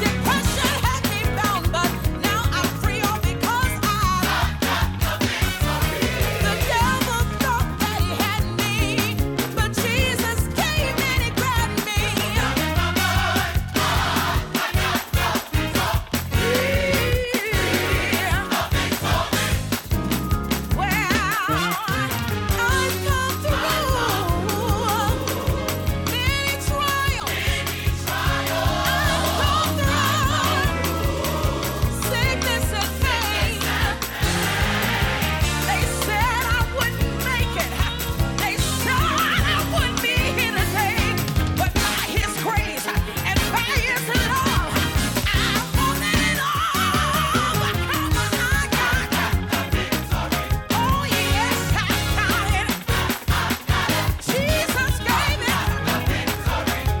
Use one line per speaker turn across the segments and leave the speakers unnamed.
Depression had me bound, but now I'm free all because I The devil thought that he had me, but Jesus came and he grabbed me. Well, I've come through many trials. I've come through sickness and pain. They said I wouldn't make it. They said I wouldn't be here today. But by His grace and by His love, I'm more than an overcomer. I got, oh yes, I got it. Jesus gave it.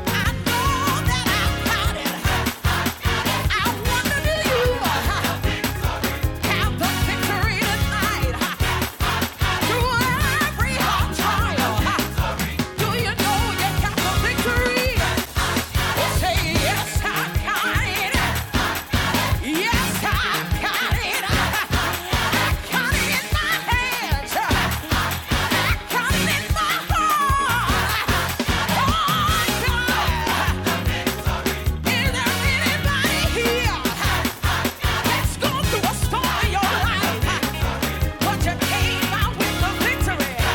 I know that I got it. I wonder, do you have the victory tonight? Let's go through a storm in your life, but you came out with the victory.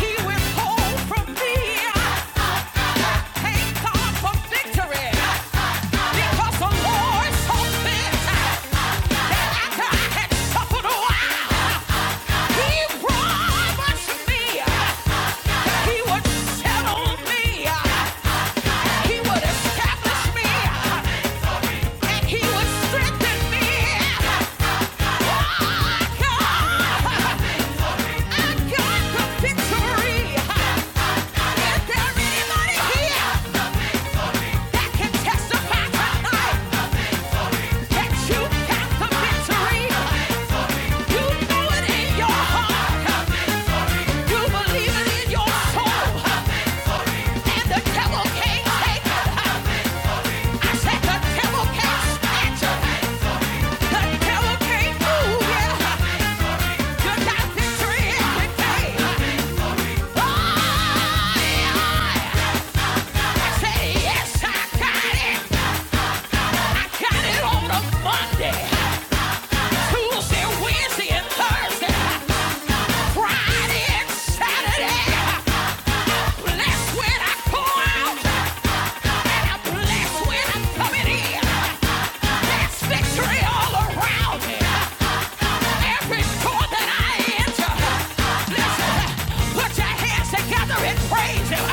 He withhold from me. ain't contradictory. Because the war is so fierce. after I had suffered he promised me he would settle me. He would establish me. And he would strengthen me. Oh, God. I got the victory. Is there anybody here that can testify Monday, Tuesday, Wednesday, and Thursday. Friday and Saturday. Blessed when I go out, I'm blessed when I'm coming in. There's victory all around me. Every door that I enter. Listen, put your hands together and praise Him.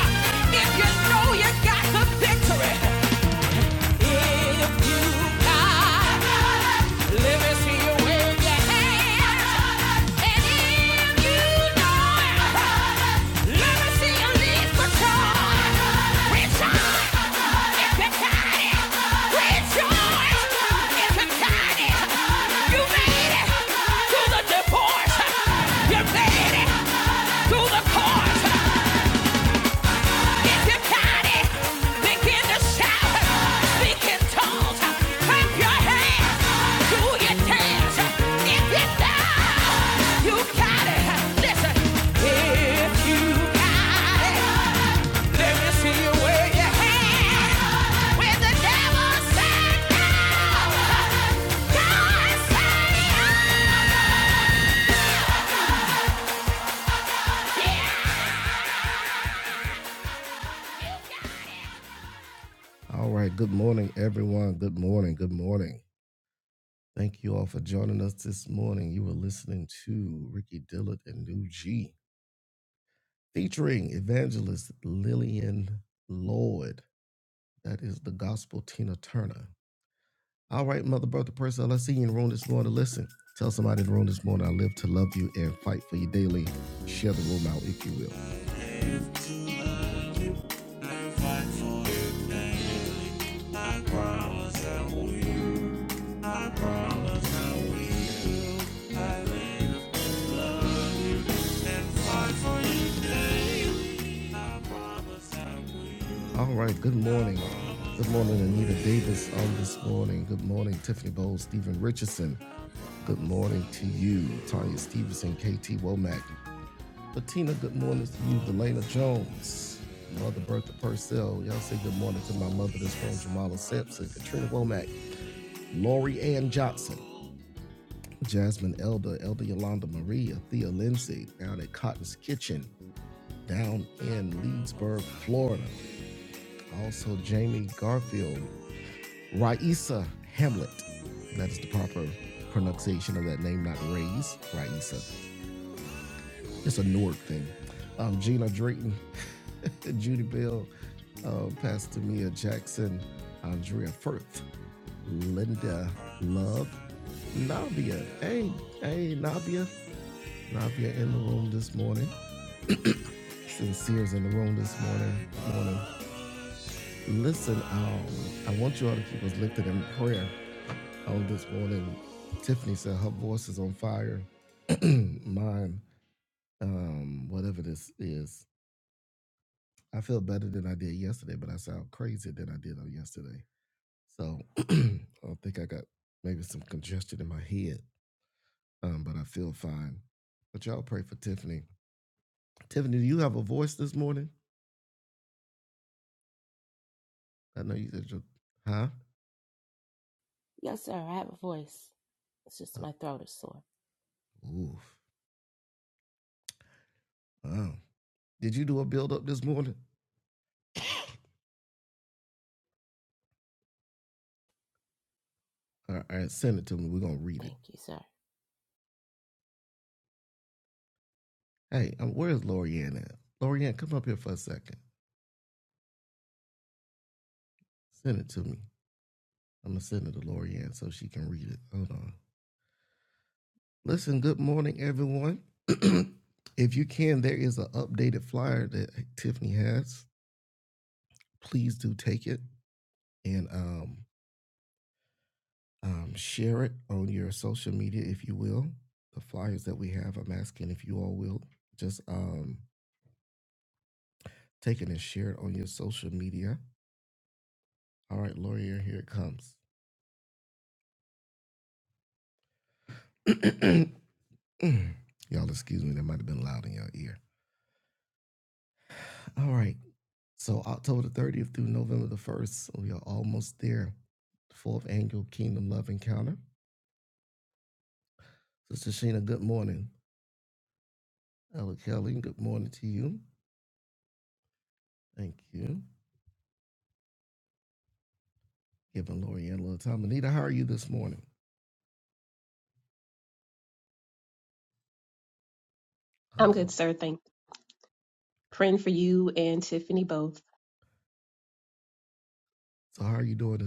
If you know you got the victory. You made it to the court!
Yes, sir. I have a voice. It's just my throat is sore. Thank you, sir.
I'm good, sir. Thank praying for you and Tiffany both.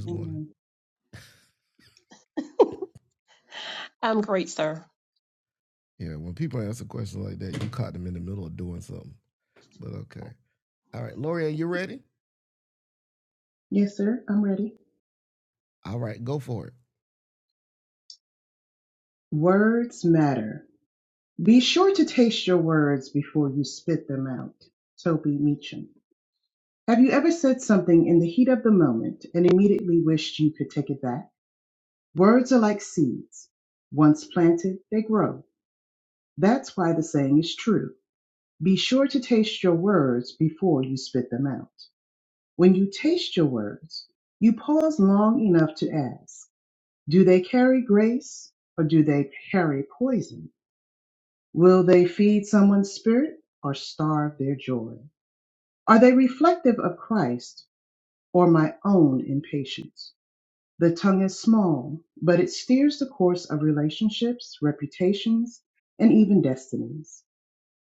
Amen.
I'm great, sir.
Yes, sir. I'm ready. Words matter. Be sure to taste your words before you spit them out. Toby Meacham. Have you ever said something in the heat of the moment and immediately wished you could take it back? Words are like seeds. Once planted, they grow. That's why the saying is true. Be sure to taste your words before you spit them out. When you taste your words, you pause long enough to ask, do they carry grace or do they carry poison? Will they feed someone's spirit or starve their joy? Are they reflective of Christ or my own impatience? The tongue is small, but it steers the course of relationships, reputations, and even destinies.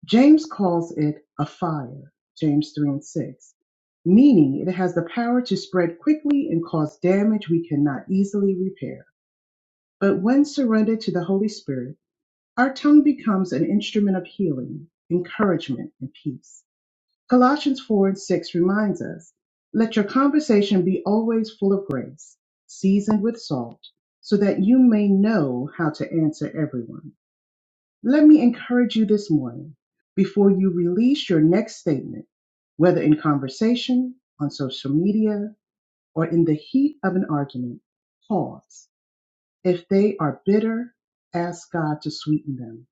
James calls it a fire, James 3 and 6, meaning it has the power to spread quickly and cause damage we cannot easily repair. But when surrendered to the Holy Spirit, our tongue becomes an instrument of healing, encouragement, and peace. Colossians 4 and 6 reminds us let your conversation be always full of grace, seasoned with salt, so that you may know how to answer everyone. Let me encourage you this morning before you release your next statement, whether in conversation, on social media, or in the heat of an argument, pause. If they are bitter, ask God to sweeten them.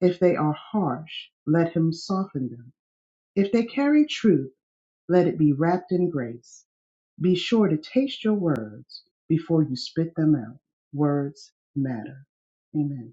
If they are harsh, let him soften them. If they carry truth, let it be wrapped in grace. Be sure to taste your words before you spit them out. Words matter. Amen.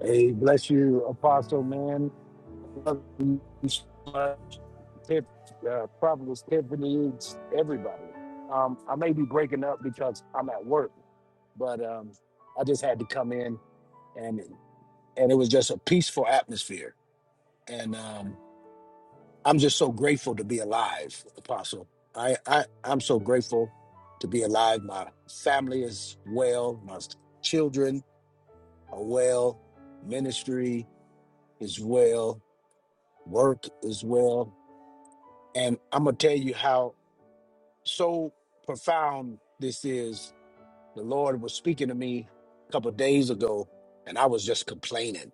Hey, bless you, Apostle man. Love you, uh, Tiff- uh, Prophetess Tiffany, everybody. Um, I may be breaking up because I'm at work, but um, I just had to come in and and it was just a peaceful atmosphere. And um, I'm just so grateful to be alive, Apostle. I, I I'm so grateful to be alive. My family is well. My children are well. Ministry is well work as well. And I'm going to tell you how so profound this is. The Lord was speaking to me a couple of days ago, and I was just complaining.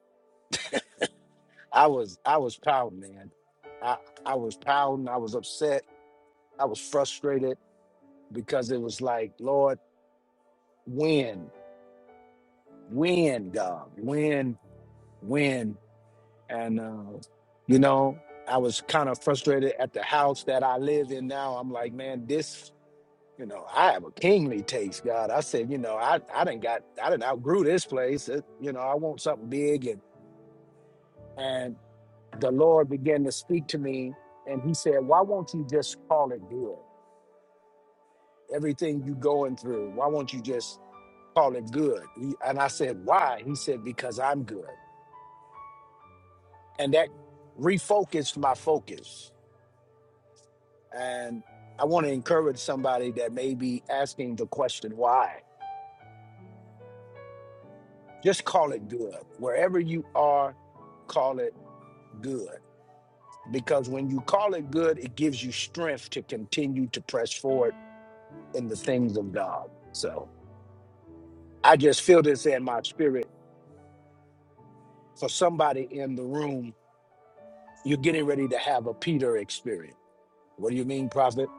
I was I was proud, man. I I was proud I was upset. I was frustrated because it was like, Lord, when, when, God, when, when, and uh, you know, I was kind of frustrated at the house that I live in now. I'm like, man, this. You know, I have a kingly taste, God. I said, you know, I I didn't got I didn't outgrew this place. It- you know, I want something big, and and the Lord began to speak to me, and He said, why won't you just call it good? Everything you going through, why won't you just call it good? He, and I said, why? He said, because I'm good, and that refocused my focus. And I want to encourage somebody that may be asking the question why. Just call it good wherever you are Call it. good because when you call it good, it gives you strength to continue to press forward in the things of God. So I just feel this in my spirit for somebody in the room. You're getting ready to have a Peter experience. What do you mean, prophet?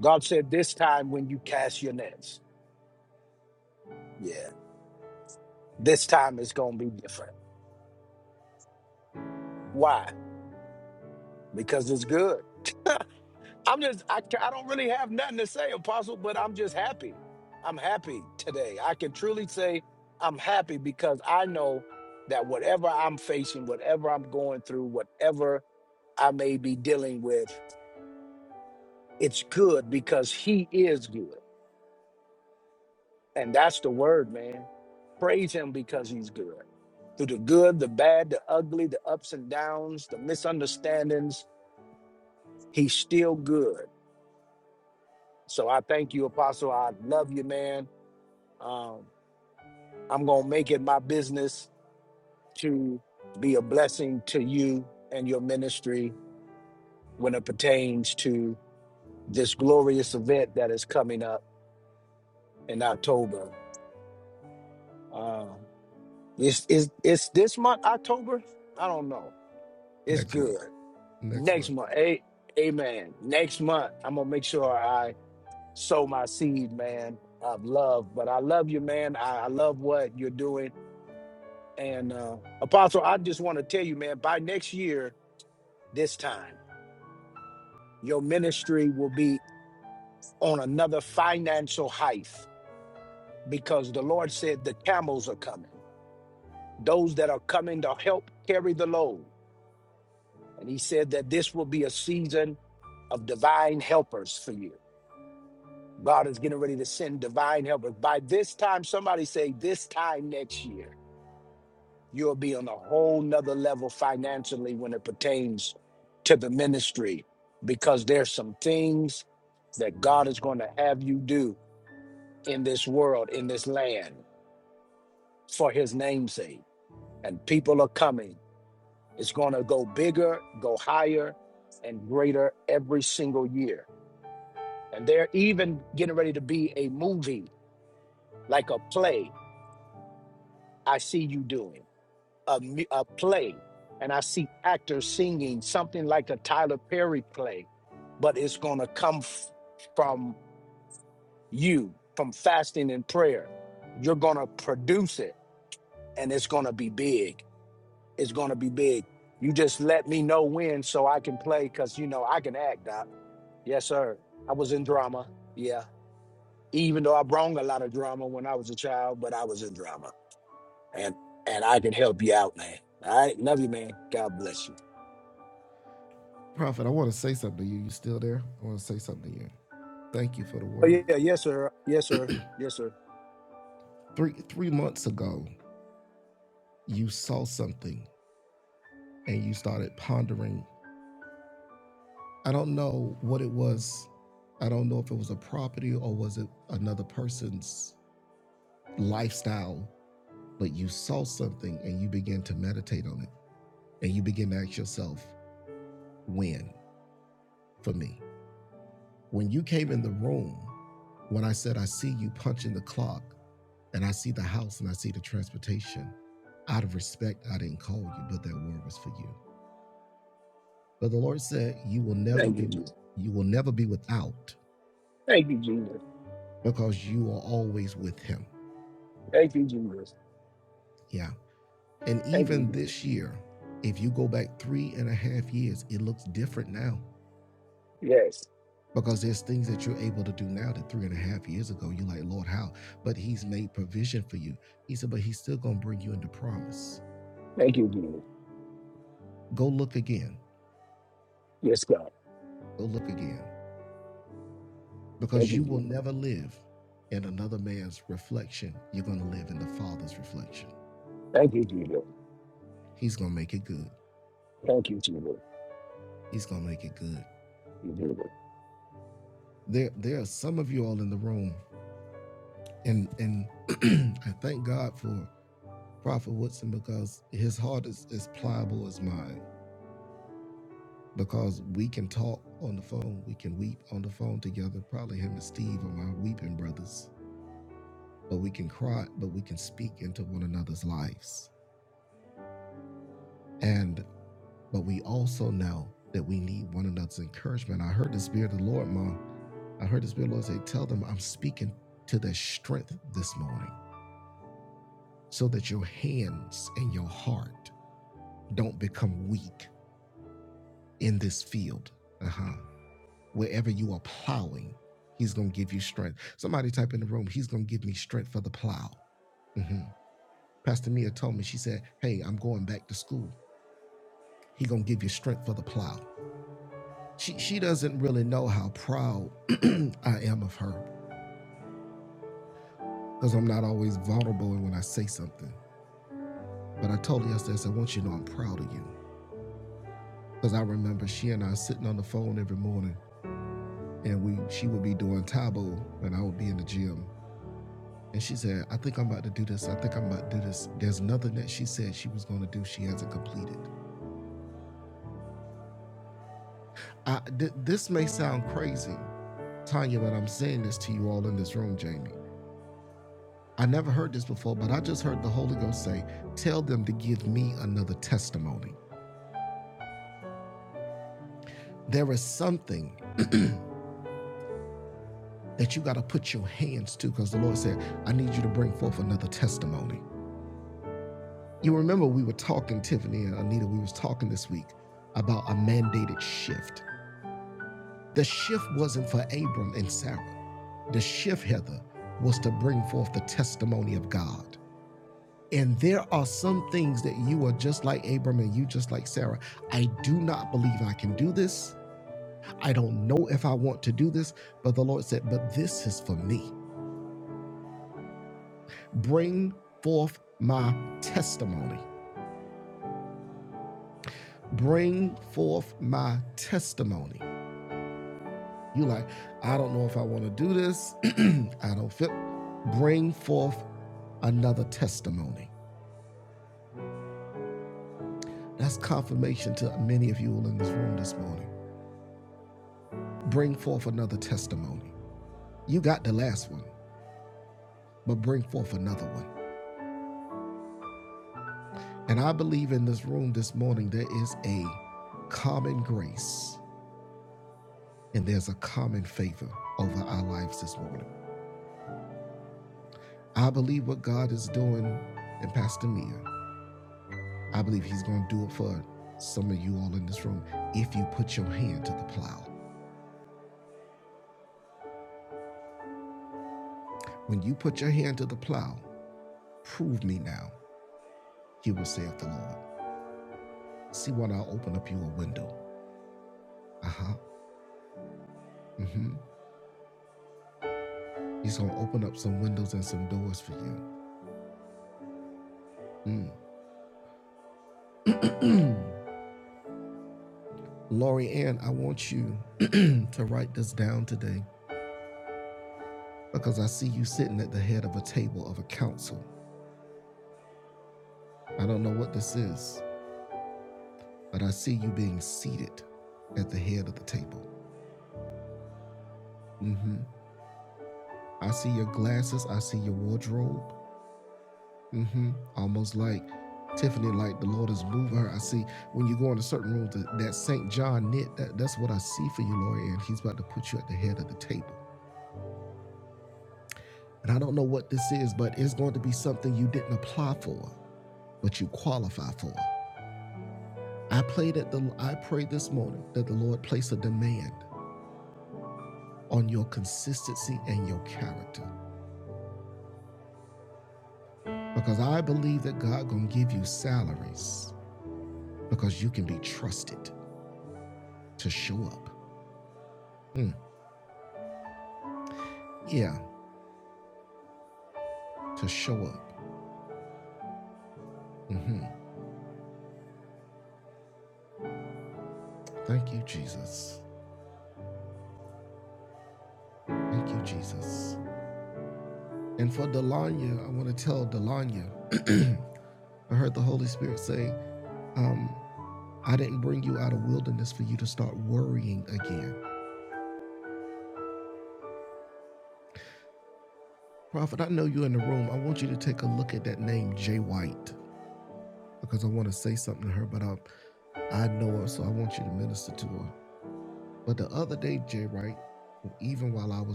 God said, This time when you cast your nets, yeah, this time it's going to be different. Why? Because it's good I'm just I ca- I don't really have nothing to say, Apostle, but I'm just happy. I'm happy today. I can truly say I'm happy because I know that whatever I'm facing, whatever I'm going through, whatever I may be dealing with, it's good because he is good. And that's the word, man. Praise him because he's good. Through the good, the bad, the ugly, the ups and downs, the misunderstandings, he's still good. So I thank you, Apostle. I love you, man. Um, I'm going to make it my business to be a blessing to you and your ministry when it pertains to this glorious event that is coming up in October. Uh, is is is this month October? I don't know. It's good. Next month, a, amen. Next month, I'm gonna make sure I sow my seed, man, of love. But I love you, man. I, I love what you're doing. And uh, Apostle, I just want to tell you, man, by next year, this time. your ministry will be on another financial height because the Lord said the camels are coming, those that are coming to help carry the load. And He said that this will be a season of divine helpers for you. God is getting ready to send divine helpers. By this time, somebody say, this time next year, you'll be on a whole nother level financially when it pertains to the ministry because there's some things that God is going to have you do in this world, in this land, for his namesake. And people are coming. It's going to go bigger, go higher, and greater every single year. And they're even getting ready to be a movie, like a play. I see you doing a, mu- a play, and I see actors singing something like a Tyler Perry play, but it's going to come f- from you, from fasting and prayer. You're going to produce it, and it's going to be big is going to be big. You just let me know when so I can play because, you know, I can act, Doc. Yes, sir. I was in drama. Yeah. Even though I brung a lot of drama when I was a child, but I was in drama. And and I can help you out, man. All right. Love you, man. God bless you. Oh, yeah. Yes, sir. Yes, sir. Yes, sir. Thank you, Jesus. Thank you, Jesus. Thank you, Jesus. Thank you, Jesus. Yes. Thank you, Jesus. Yes, God. Thank you, Jesus. Thank you, Jesus. Thank you, Jesus.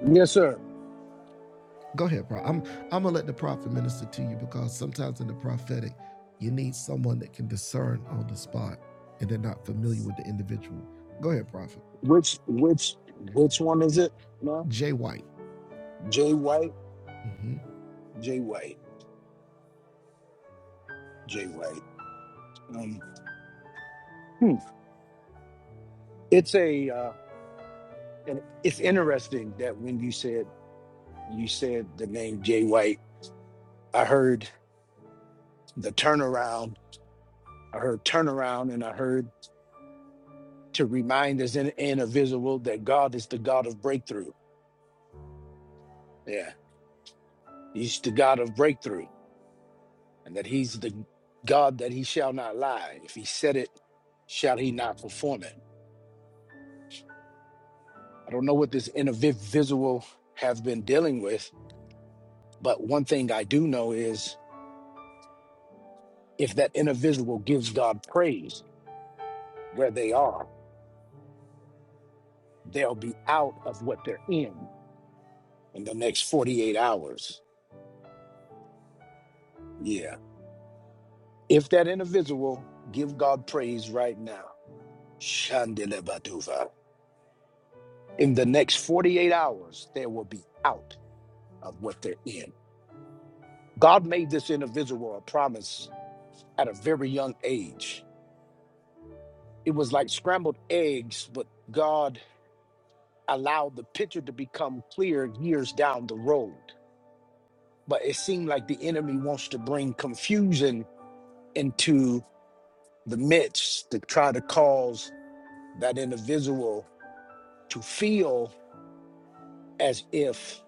Yes, sir. Which which which one is it? No, Jay White, Jay White, Jay White. Um, hmm. It's a uh, and it's interesting that when you said you said the name Jay White, I heard the turnaround. I heard turnaround, and I heard to remind us in individual that God is the God of breakthrough. Yeah, He's the God of breakthrough, and that He's the God that He shall not lie. If He said it, shall He not perform it? I don't know what this individual have been dealing with, but one thing I do know is if that individual gives God praise where they are, they'll be out of what they're in in the next 48 hours. Yeah. If that individual give God praise right now, Shandelebaduva, in the next 48 hours, they will be out of what they're in. God made this individual a promise at a very young age it was like scrambled eggs, but God allowed the picture to become clear years down the road. But it seemed like the enemy wants to bring confusion into the midst to try to cause that individual to feel as if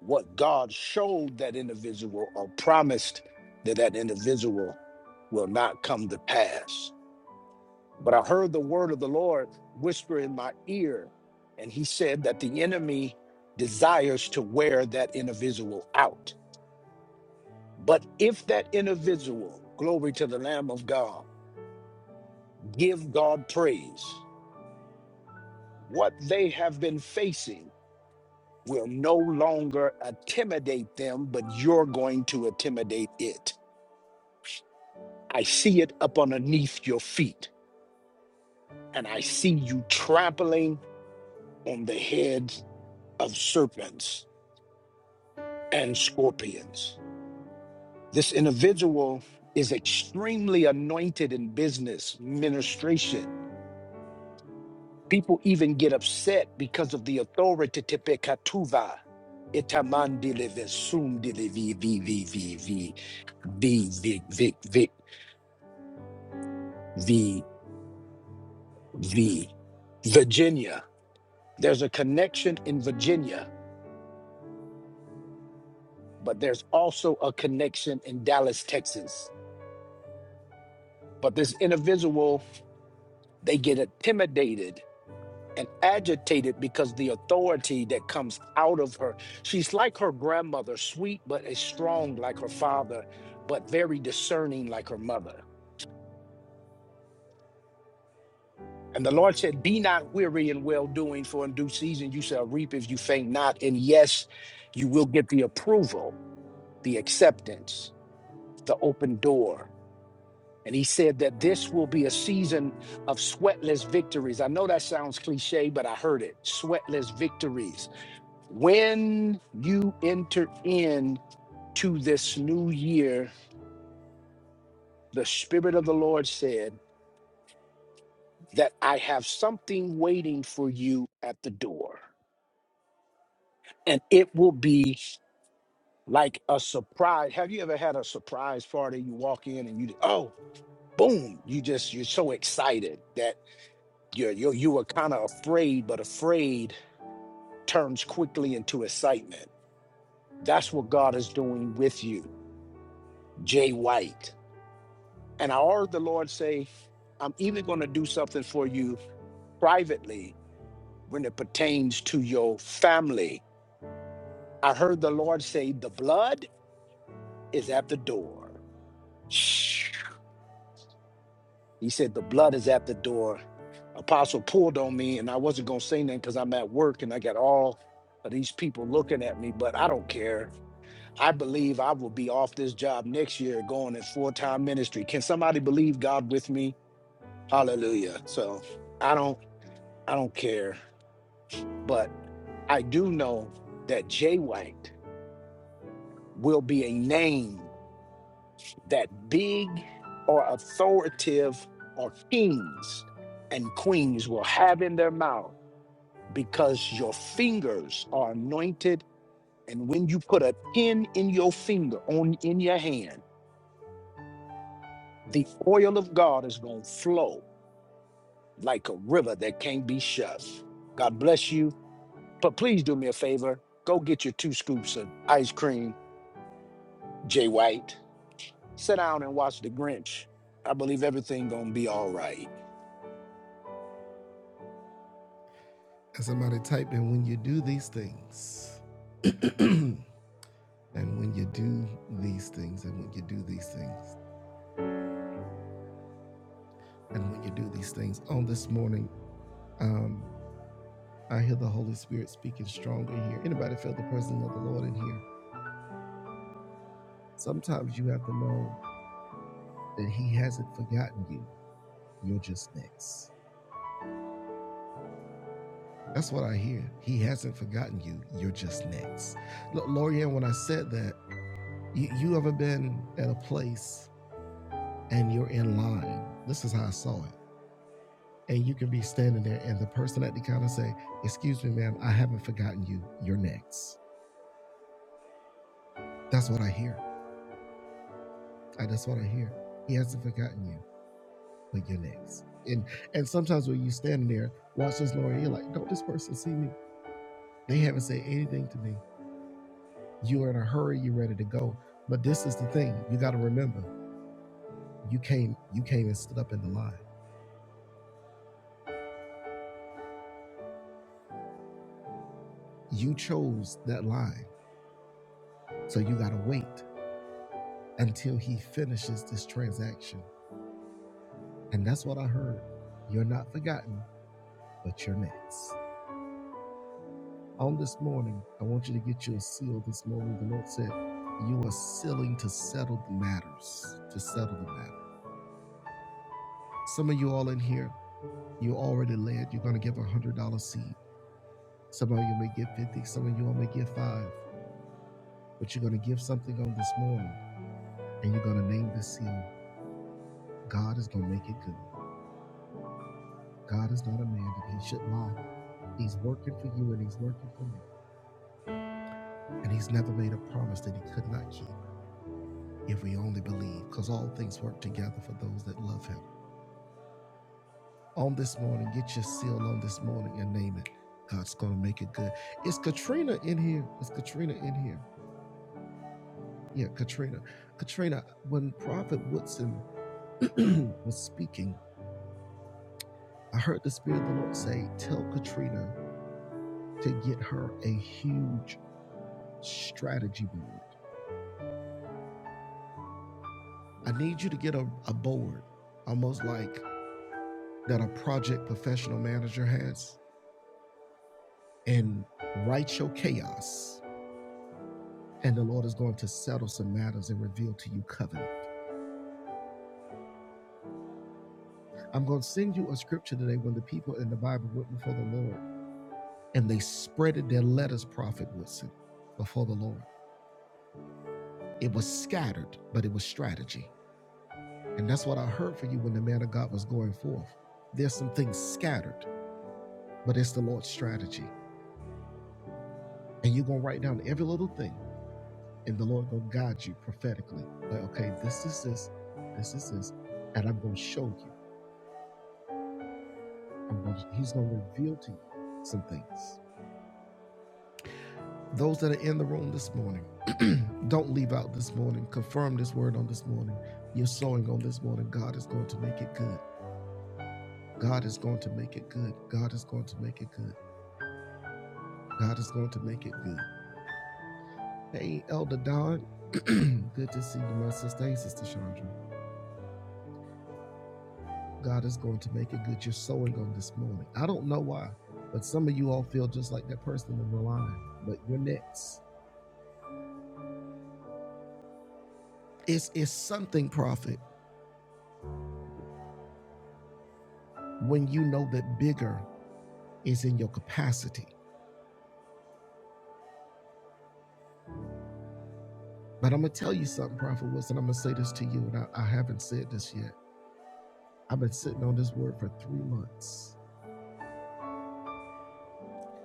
what God showed that individual or promised that that individual will not come to pass. But I heard the word of the Lord whisper in my ear, and he said that the enemy desires to wear that individual out. But if that individual, glory to the Lamb of God, give God praise, what they have been facing will no longer intimidate them, but you're going to intimidate it. I see it up underneath your feet, and I see you trampling on the heads of serpents and scorpions. This individual is extremely anointed in business ministration. People even get upset because of the authority tepekatuva. Itamandile vesundile vi vi vi vi vi vi vi vi vi vi vi Virginia. There's a connection in Virginia, but there's also a connection in Dallas, Texas. But this individual, they get intimidated and agitated because the authority that comes out of her. She's like her grandmother, sweet but is strong like her father, but very discerning like her mother. And the Lord said, Be not weary in well doing, for in due season you shall reap if you faint not. And yes, you will get the approval, the acceptance, the open door. And he said that this will be a season of sweatless victories. I know that sounds cliche, but I heard it sweatless victories When you enter in to this new year, the Spirit of the Lord said that I have something waiting for you at the door. And it will be like a surprise. Have you ever had a surprise party? You walk in and you, oh, boom, you just, you're so excited that you're, you're, you were kind of afraid, but afraid turns quickly into excitement. That's what God is doing with you, Jay White. And I heard the Lord say, I'm even going to do something for you privately when it pertains to your family. I heard the Lord say, The blood is at the door. He said, The blood is at the door. Apostle pulled on me, and I wasn't going to say nothing because I'm at work and I got all of these people looking at me, but I don't care. I believe I will be off this job next year going in full time ministry. Can somebody believe God with me? Hallelujah. So I don't. I don't care. But I do know that Jay White will be a name that big or authoritative or kings and queens will have in their mouth because your fingers are anointed. And when you put a pin in your finger on in your hand, the oil of God is going to flow like a river that can't be shut. God bless you. But please do me a favor. Go get your two scoops of ice cream, Jay White. Sit down and watch The Grinch. I believe everything gonna be all right.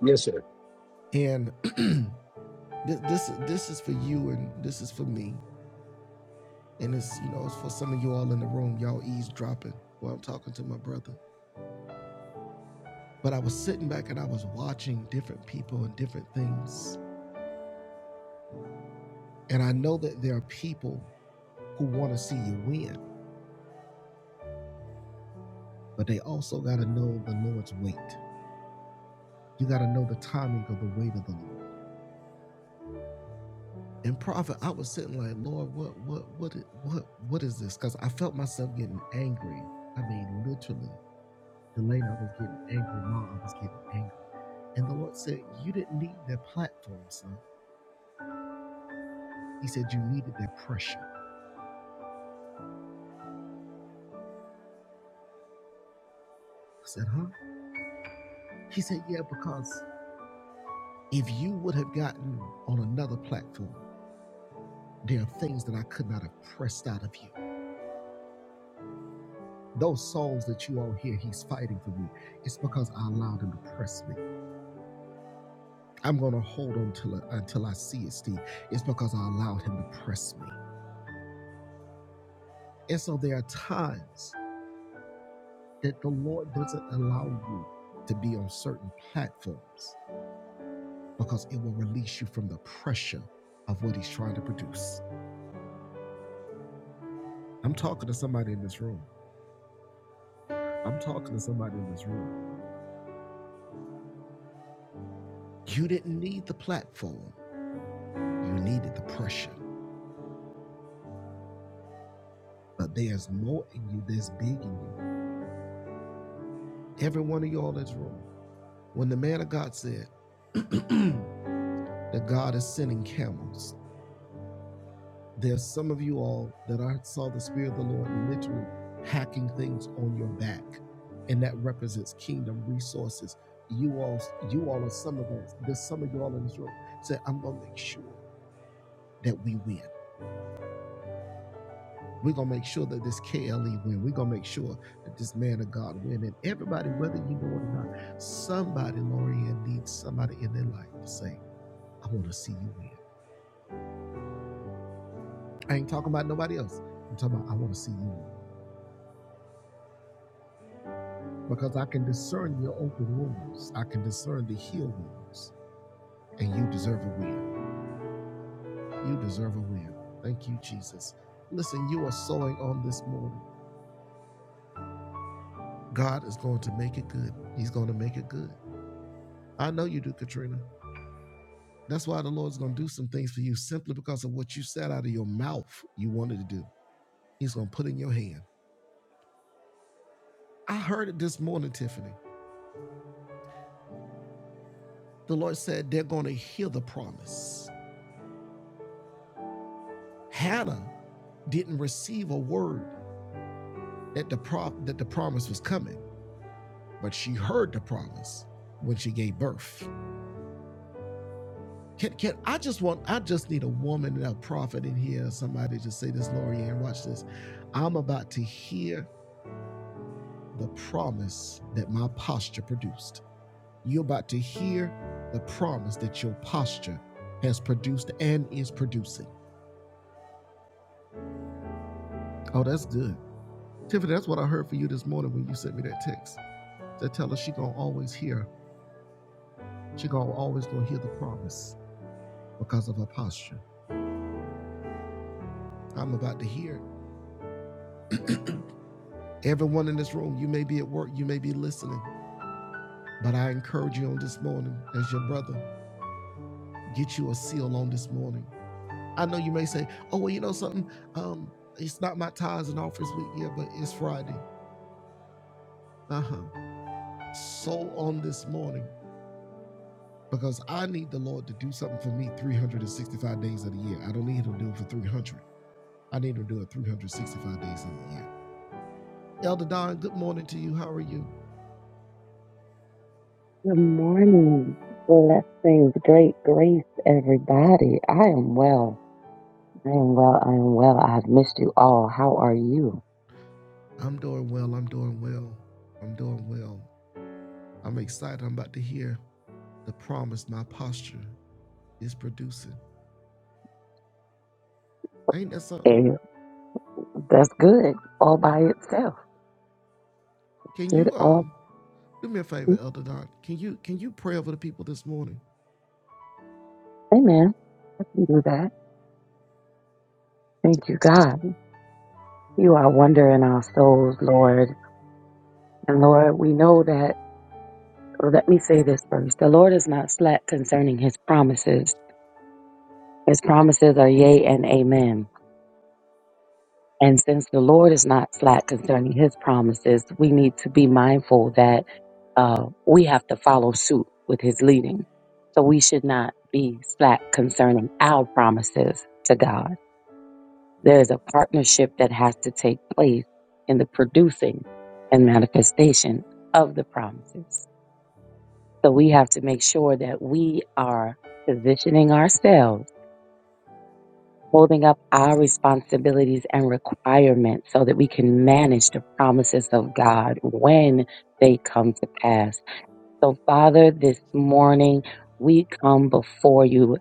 Yes, sir.
Good morning. Blessings, great grace, everybody. I am well. I am well. I am well. I've missed you all. How are you? And that's good all by itself. Good all. Amen. You do that. Thank you, God. You are wonder in our souls, Lord. And Lord, we know that. well, Let me say this first. The Lord is not slack concerning his promises. His promises are yea and amen. And since the Lord is not slack concerning his promises, we need to be mindful that uh, we have to follow suit with his leading. So we should not be slack concerning our promises to God. There is a partnership that has to take place in the producing and manifestation of the promises. So we have to make sure that we are positioning ourselves holding up our responsibilities and requirements so that we can manage the promises of God when they come to pass. So, Father, this morning we come before you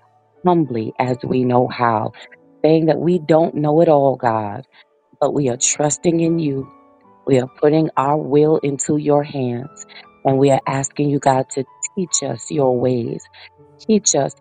humbly as we know how, saying that we don't know it all, God, but we are trusting in you. We are putting our will into your hands and we are asking you, God, to teach us your ways Teach us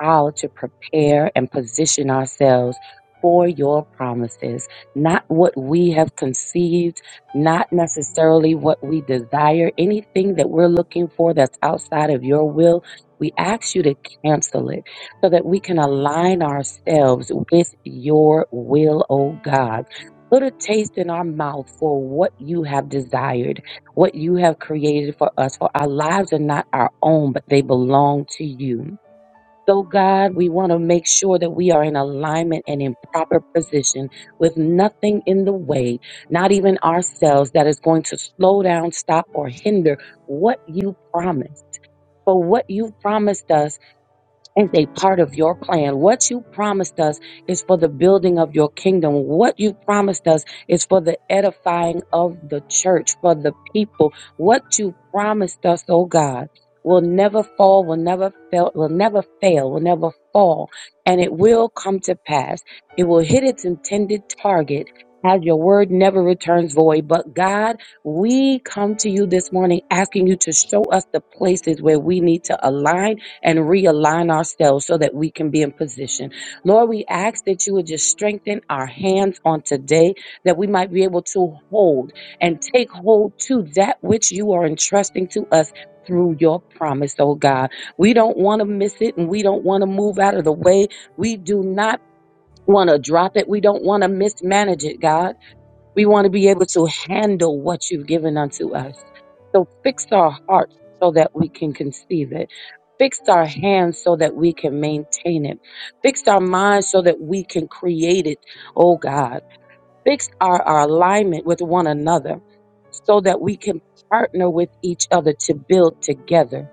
how to prepare and position ourselves for your promises, not what we have conceived, not necessarily what we desire, anything that we're looking for that's outside of your will. We ask you to cancel it so that we can align ourselves with your will, oh God. Put a taste in our mouth for what you have desired what you have created for us, for our lives are not our own, but they belong to you. So, God, we want to make sure that we are in alignment and in proper position with nothing in the way, not even ourselves, that is going to slow down, stop, or hinder what you promised. For what you promised us is a part of your plan. What you promised us is for the building of your kingdom. What you promised us is for the edifying of the church, for the people. What you promised us, oh God, will never fall, will never fail, will never fail, will never fall, and it will come to pass. It will hit its intended target. As your word never returns void. But God, we come to you this morning asking you to show us the places where we need to align and realign ourselves so that we can be in position. Lord, we ask that you would just strengthen our hands on today, that we might be able to hold and take hold to that which you are entrusting to us. Through your promise, oh God. We don't want to miss it and we don't want to move out of the way. We do not want to drop it. We don't want to mismanage it, God. We want to be able to handle what you've given unto us. So fix our hearts so that we can conceive it. Fix our hands so that we can maintain it. Fix our minds so that we can create it, oh God. Fix our, our alignment with one another so that we can partner with each other to build together.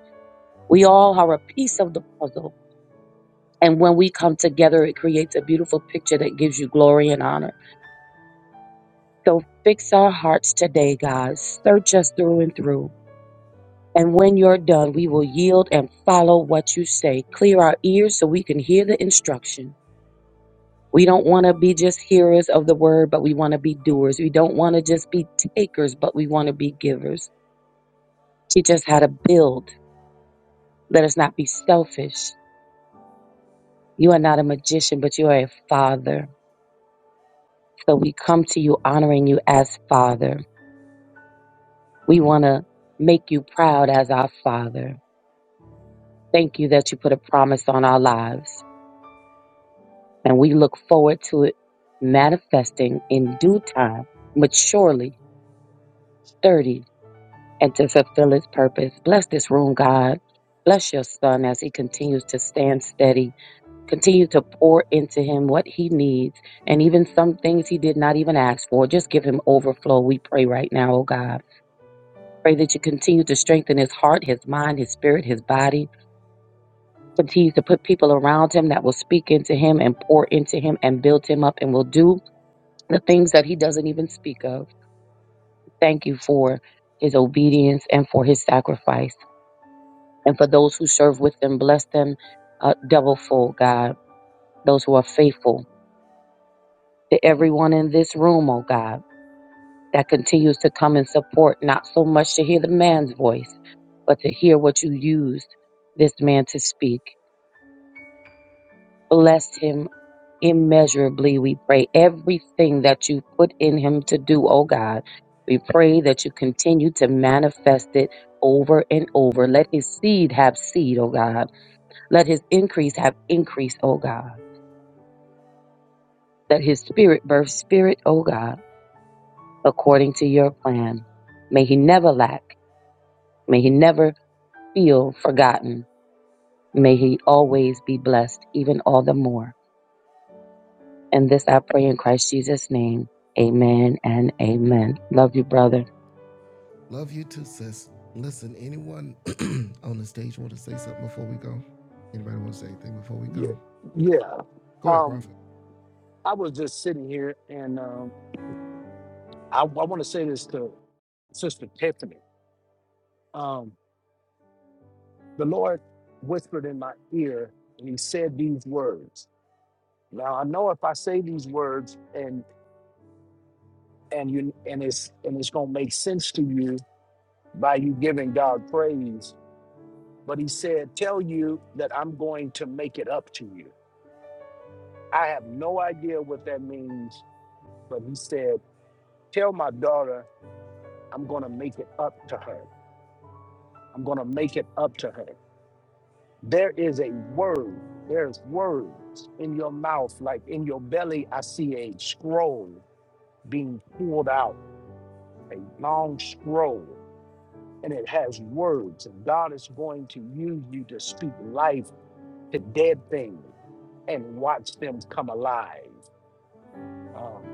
We all are a piece of the puzzle. And when we come together, it creates a beautiful picture that gives you glory and honor. So fix our hearts today, God. Search us through and through. And when you're done, we will yield and follow what you say. Clear our ears so we can hear the instruction. We don't want to be just hearers of the word, but we want to be doers. We don't want to just be takers, but we want to be givers. Teach us how to build. Let us not be selfish. You are not a magician, but you are a father. So we come to you honoring you as father. We want to make you proud as our father. Thank you that you put a promise on our lives, and we look forward to it manifesting in due time, maturely, sturdy, and to fulfill its purpose. Bless this room, God. Bless your son as he continues to stand steady. Continue to pour into him what he needs, and even some things he did not even ask for. Just give him overflow, we pray right now, oh God. Pray that you continue to strengthen his heart, his mind, his spirit, his body continues to put people around him that will speak into him and pour into him and build him up and will do the things that he doesn't even speak of. Thank you for his obedience and for his sacrifice. And for those who serve with him, bless them uh, double full, God. Those who are faithful to everyone in this room, oh God, that continues to come and support, not so much to hear the man's voice, but to hear what you used this man to speak. Bless him immeasurably. We pray everything that you put in him to do, oh God. We pray that you continue to manifest it over and over. Let his seed have seed, oh God. Let his increase have increase, oh God. Let his spirit birth spirit, oh God, according to your plan. May he never lack. May he never feel forgotten. May he always be blessed, even all the more. And this I pray in Christ Jesus' name. Amen and amen. Love you, brother.
Yeah, yeah. Um, I was just sitting here, and um, I, I want to say this to Sister Tiffany. Um, the Lord whispered in my ear, and He said these words. Now I know if I say these words, and and you and it's and it's gonna make sense to you by you giving God praise. But He said, "Tell you that I'm going to make it up to you." I have no idea what that means, but he said, Tell my daughter I'm going to make it up to her. I'm going to make it up to her. There is a word, there's words in your mouth, like in your belly. I see a scroll being pulled out, a long scroll, and it has words. And God is going to use you to speak life to dead things and watch them come alive. Um,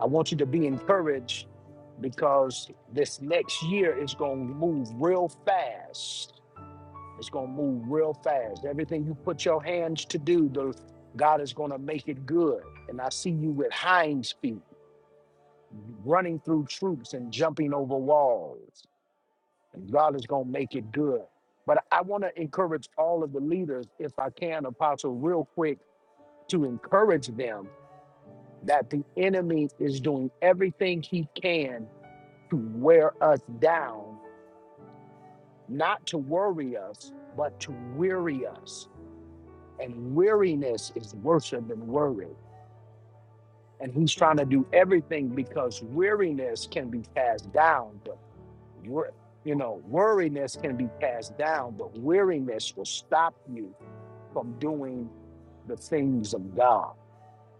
I want you to be encouraged because this next year is going to move real fast. It's going to move real fast. Everything you put your hands to do, the, God is going to make it good. And I see you with hind feet, running through troops and jumping over walls. And God is going to make it good. But I want to encourage all of the leaders, if I can, Apostle, real quick, to encourage them that the enemy is doing everything he can to wear us down, not to worry us, but to weary us. And weariness is worse than worry. And he's trying to do everything because weariness can be cast down, but wor- you know, worriness can be cast down, but weariness will stop you from doing the things of God.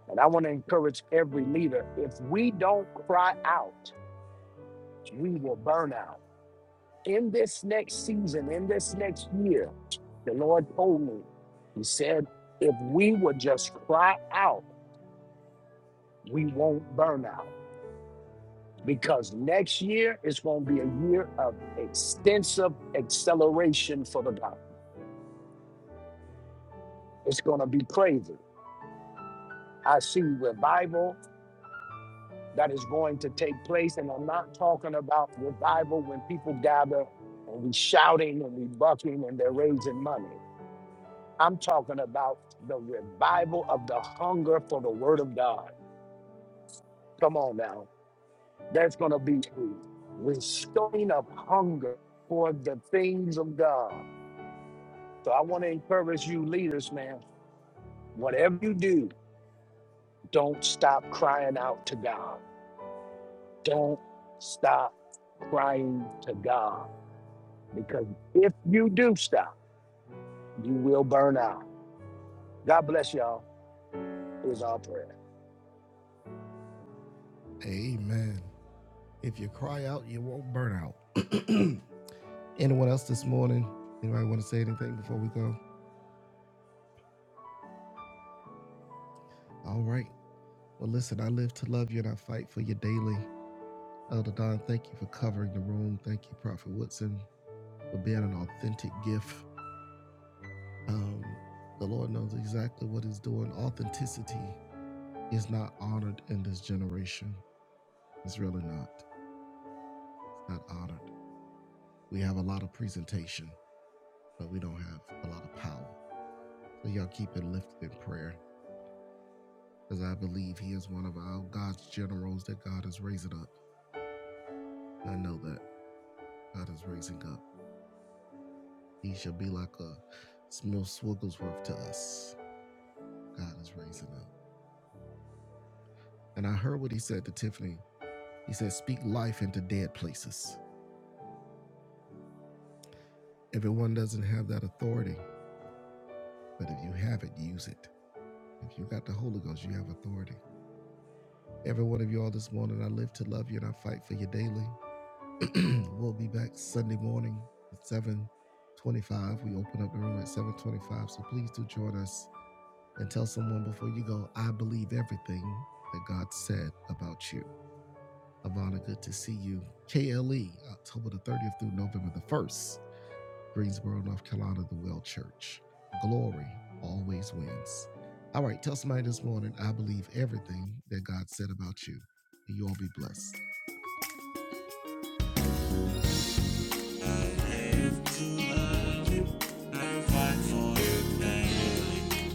And I want to encourage every leader if we don't cry out, we will burn out in this next season, in this next year, the Lord told me, He said, if we would just cry out, we won't burn out. Because next year is going to be a year of extensive acceleration for the gospel. It's going to be crazy. I see revival that is going to take place. And I'm not talking about revival when people gather and we shouting and we bucking and they're raising money. I'm talking about the revival of the hunger for the word of God. Come on now. That's going to be a restoring of hunger for the things of God. So I want to encourage you, leaders, man, whatever you do, don't stop crying out to God. Don't stop crying to God because if you do stop, you will burn out. God bless y'all, is our prayer.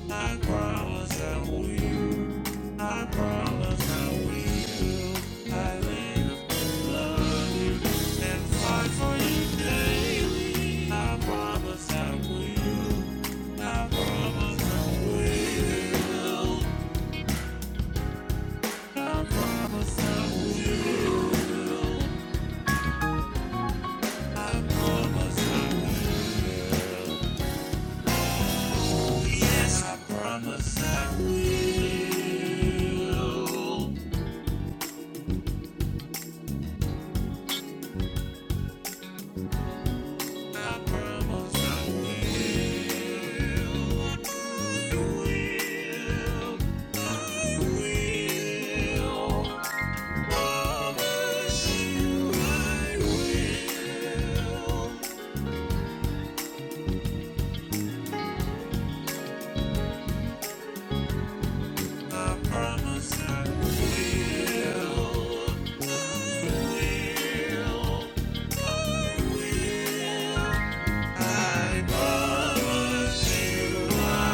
I Promise that we I Promise I will. will. will. will. will. will. will. I I I I promise I will. I promise I will. I promise I will. Promise I will. Yes, I promise I live and fight for you daily. promise promise promise promise promise promise I will.